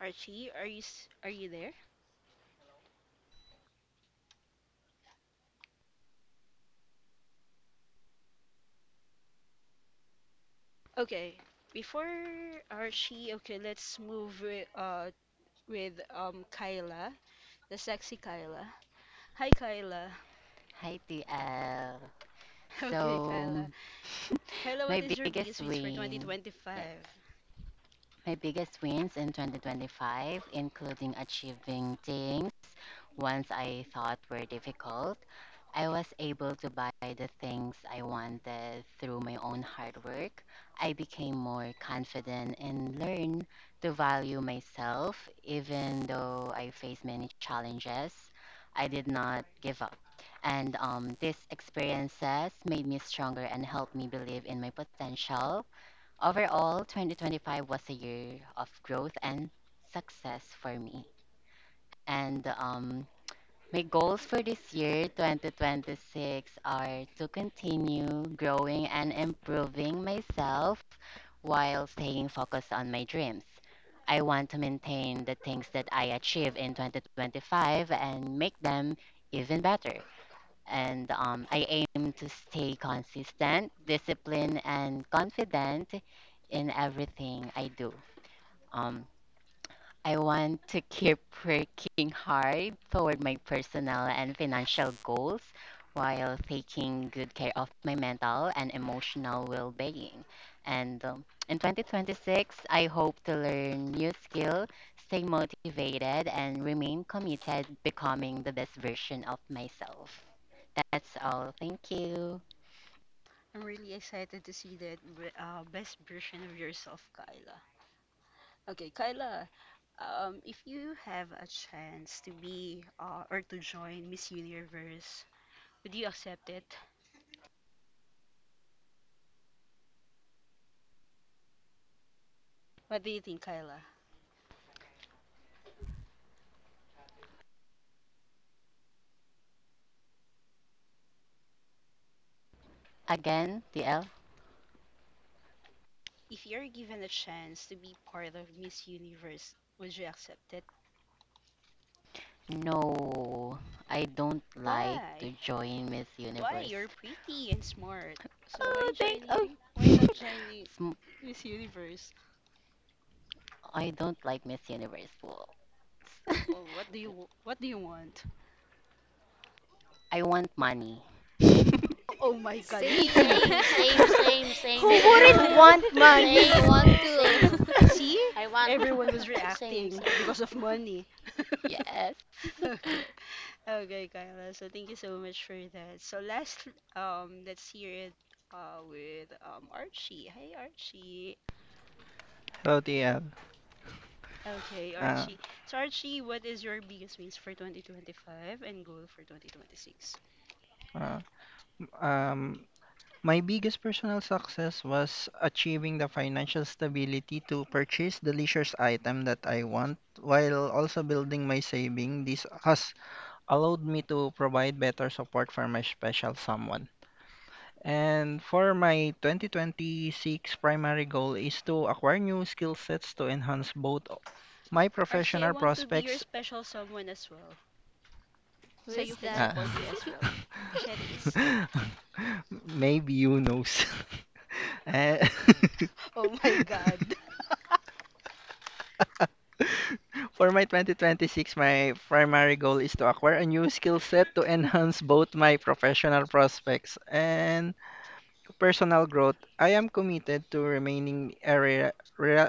Speaker 1: Archie, are you there? Okay, before Archie, okay, let's move with, with Kyla, the sexy Kyla. Hi, Kyla.
Speaker 3: hi, TL.
Speaker 1: Okay,
Speaker 3: So,
Speaker 1: Kyla. Kyla,
Speaker 3: my
Speaker 1: what is your
Speaker 3: biggest
Speaker 1: biggest wins for
Speaker 3: win, yes.
Speaker 1: 2025?
Speaker 3: My biggest wins in 2025, including achieving things once I thought were difficult, I was able to buy the things I wanted through my own hard work. I became more confident and learned to value myself even though I faced many challenges. I did not give up. And These experiences made me stronger and helped me believe in my potential. Overall, 2025 was a year of growth and success for me. And My goals for this year, 2026, are to continue growing and improving myself while staying focused on my dreams. I want to maintain the things that I achieved in 2025 and make them even better, and I aim to stay consistent, disciplined, and confident in everything I do. Um, I want to keep working hard toward my personal and financial goals while taking good care of my mental and emotional well being. And In 2026, I hope to learn new skills, stay motivated, and remain committed becoming the best version of myself. That's all. Thank you.
Speaker 1: I'm really excited to see that best version of yourself, Kyla. Okay, Kyla, if you have a chance to be or to join Miss Universe, would you accept it? What do you think, Kyla?
Speaker 3: Again, DL?
Speaker 1: If you're given a chance to be part of Miss Universe, would you accept it?
Speaker 3: No, I don't like
Speaker 1: Why?
Speaker 3: to join Miss
Speaker 1: Why?
Speaker 3: Universe.
Speaker 1: You're pretty and smart. So
Speaker 3: Oh,
Speaker 1: why
Speaker 3: thank oh.
Speaker 1: joining? Why not joining
Speaker 3: Sm-
Speaker 1: Miss Universe?
Speaker 3: I don't like Miss Universe rules.
Speaker 1: Oh, what do you want?
Speaker 3: I want money. Yes.
Speaker 1: Oh my God, me
Speaker 10: Same.
Speaker 1: too.
Speaker 7: Same, same, same,
Speaker 4: Too
Speaker 7: same,
Speaker 2: Who
Speaker 4: Me
Speaker 10: Same.
Speaker 7: same.
Speaker 2: wouldn't
Speaker 4: too.
Speaker 2: want
Speaker 4: Me
Speaker 2: money?
Speaker 10: I
Speaker 7: Same,
Speaker 10: want
Speaker 4: too.
Speaker 1: Oh,
Speaker 7: same.
Speaker 10: to.
Speaker 1: see?
Speaker 7: I want
Speaker 1: Everyone was
Speaker 7: same,
Speaker 1: reacting
Speaker 7: same.
Speaker 1: because of money. Okay. Okay, Kyla. So thank you so much for that. So last let's hear it with Archie. Hey Archie.
Speaker 8: Hello, TL.
Speaker 1: Okay,
Speaker 8: Uh,
Speaker 1: Archie. So Archie, what is your biggest wins for 2025 and goal for 2026?
Speaker 8: uh, um, my biggest personal success was achieving the financial stability to purchase the leisure item that I want, while also building my saving. This has allowed me to provide better support for my special someone. And for my 2026 primary goal is to acquire new skill sets to enhance both my
Speaker 1: Archie, I
Speaker 8: professional
Speaker 1: want to be your
Speaker 8: prospects.
Speaker 1: special someone as well.
Speaker 10: Who
Speaker 1: So
Speaker 10: is
Speaker 1: you can
Speaker 10: that?
Speaker 8: Uh,
Speaker 1: support me as well. Cherries.
Speaker 8: Maybe you knows. Eh,
Speaker 1: Oh my god.
Speaker 8: For my 2026, my primary goal is to acquire a new skill set to enhance both my professional prospects and personal growth. I am committed to remaining a re-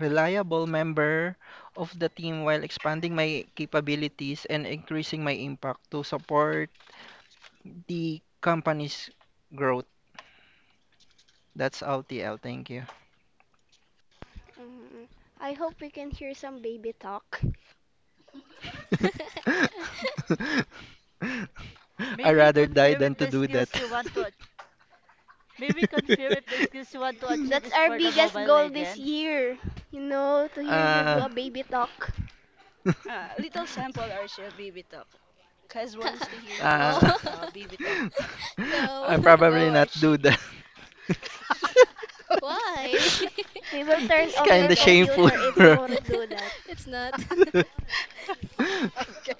Speaker 8: reliable member of the team while expanding my capabilities and increasing my impact to support the company's growth. That's LTL, thank you.
Speaker 2: Mm, I hope we can hear some baby talk.
Speaker 4: May
Speaker 8: I
Speaker 4: we
Speaker 8: rather die
Speaker 4: confirm
Speaker 8: than
Speaker 4: if
Speaker 8: to
Speaker 4: the
Speaker 8: do that.
Speaker 4: skills you want to ach- May we confirm if the skills you want to achieve
Speaker 2: That's
Speaker 4: is
Speaker 2: our
Speaker 4: for the
Speaker 2: biggest
Speaker 4: Mobile
Speaker 2: goal this
Speaker 4: Legends?
Speaker 2: year. You know, to hear you do
Speaker 8: uh,
Speaker 2: a baby talk.
Speaker 1: Little sample, Archie, of baby talk. Cause wants to hear you to
Speaker 10: Oh,
Speaker 8: uh,
Speaker 1: speak baby talk.
Speaker 10: go.
Speaker 8: I probably
Speaker 1: Go,
Speaker 8: not do
Speaker 1: Archie.
Speaker 8: that.
Speaker 1: Okay.
Speaker 10: Why?
Speaker 2: We will
Speaker 10: You
Speaker 2: turn
Speaker 8: It's
Speaker 10: can
Speaker 2: off your
Speaker 10: do
Speaker 8: kinda
Speaker 10: that.
Speaker 8: shameful.
Speaker 2: computer if you
Speaker 8: Bro.
Speaker 2: won't do that.
Speaker 10: It's not.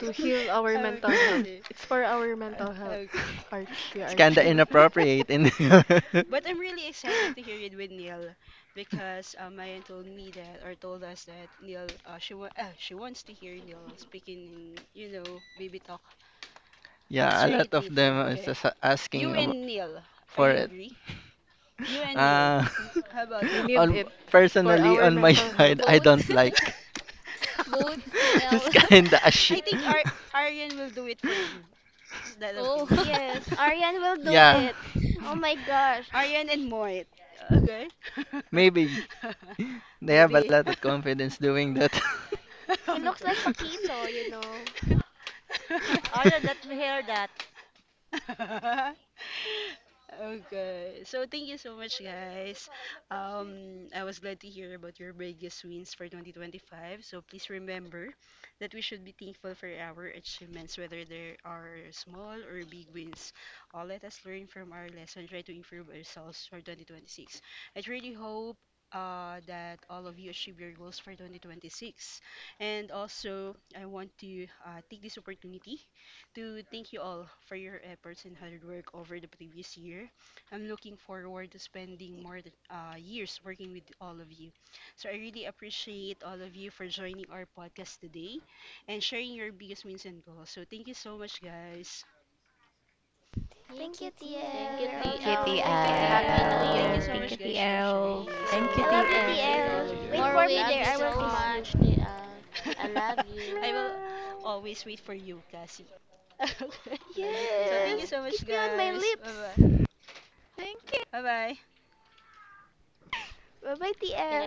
Speaker 6: To heal our mental
Speaker 1: Okay,
Speaker 6: health.
Speaker 8: It's
Speaker 1: see.
Speaker 6: It's for our mental health,
Speaker 1: Okay.
Speaker 6: Archie.
Speaker 8: kinda
Speaker 6: Archie.
Speaker 8: inappropriate. And
Speaker 1: But I'm really excited to hear it with Neil because Mayan told me that or told us that Neil she wants to hear Neil speaking in you know baby talk. Let's
Speaker 8: yeah, a
Speaker 1: try
Speaker 8: lot
Speaker 1: it
Speaker 8: of
Speaker 1: later,
Speaker 8: them is
Speaker 1: okay?
Speaker 8: just
Speaker 1: You
Speaker 8: asking
Speaker 1: and Neil. Are
Speaker 8: for
Speaker 1: you
Speaker 8: it.
Speaker 1: agree? You and Neil.
Speaker 8: Uh,
Speaker 1: How about
Speaker 6: We
Speaker 1: that?
Speaker 6: need
Speaker 8: on
Speaker 6: it for
Speaker 8: personally
Speaker 6: our
Speaker 8: on my
Speaker 6: mental
Speaker 8: side,
Speaker 6: health.
Speaker 8: I
Speaker 10: Both.
Speaker 8: don't like.
Speaker 10: Both, TL.
Speaker 8: It's kinda a
Speaker 1: I
Speaker 8: shit.
Speaker 1: think Ar Aryan will do it for you. Is that
Speaker 10: Oh.
Speaker 1: okay?
Speaker 2: Yes, Arian will do
Speaker 8: Yeah,
Speaker 2: it. Oh my gosh.
Speaker 1: Aryan and Moit. Okay?
Speaker 8: maybe they have a
Speaker 1: Maybe.
Speaker 8: lot of confidence doing that.
Speaker 2: He looks like
Speaker 1: Okay,
Speaker 2: Paquito, you know.
Speaker 1: okay.
Speaker 4: Arya, let me hear that.
Speaker 1: Okay. So thank you so much, guys. I was glad to hear about your biggest wins for 2025. So please remember that we should be thankful for our achievements, whether they are small or big wins. Let us learn from our lesson, try to improve ourselves for 2026. I truly hope that all of you achieve your goals for 2026. And also, I want to take this opportunity to thank you all for your efforts and hard work over the previous year. I'm looking forward to spending more years working with all of you. So I really appreciate all of you for joining our podcast today and sharing your biggest wins and goals. So thank you so much, guys.
Speaker 10: Thank
Speaker 2: Thank
Speaker 10: you,
Speaker 2: you,
Speaker 7: Thank
Speaker 2: TL.
Speaker 7: you,
Speaker 2: We're
Speaker 4: Thank
Speaker 3: Thank
Speaker 2: also
Speaker 3: you,
Speaker 10: TL.
Speaker 7: TL.
Speaker 2: rooting
Speaker 11: Thank you,
Speaker 2: for
Speaker 4: you.
Speaker 7: Happy
Speaker 1: Okay.
Speaker 7: New
Speaker 2: you.
Speaker 1: Thank
Speaker 5: TL.
Speaker 1: you
Speaker 11: TL.
Speaker 3: TL.
Speaker 1: so
Speaker 5: Thank
Speaker 1: much,
Speaker 5: you,
Speaker 7: Year.
Speaker 1: guys, for
Speaker 5: TL.
Speaker 7: Thank
Speaker 1: sharing.
Speaker 12: Thank you
Speaker 2: I
Speaker 1: So
Speaker 7: you,
Speaker 2: love
Speaker 1: have
Speaker 2: you,
Speaker 1: a
Speaker 7: thank
Speaker 1: great
Speaker 12: TL.
Speaker 1: day
Speaker 9: Thank
Speaker 1: to
Speaker 9: you,
Speaker 2: TL.
Speaker 1: all of
Speaker 2: Wait
Speaker 7: you.
Speaker 10: More
Speaker 9: TL.
Speaker 1: you.
Speaker 2: for me
Speaker 7: Love
Speaker 2: there.
Speaker 7: you
Speaker 10: winnings
Speaker 2: I
Speaker 10: to
Speaker 2: will
Speaker 7: so
Speaker 2: kiss you.
Speaker 7: much,
Speaker 10: come.
Speaker 7: TL. I love you.
Speaker 1: I will always wait for you, Cassie. Okay.
Speaker 7: Love you,
Speaker 1: So thank you
Speaker 7: TL.
Speaker 2: Yes,
Speaker 1: so
Speaker 2: kiss
Speaker 1: much,
Speaker 2: me on my
Speaker 1: guys. Bye bye.
Speaker 2: lips.
Speaker 3: Thank you.
Speaker 1: Bye bye.
Speaker 2: Bye bye,
Speaker 7: Can
Speaker 2: TL.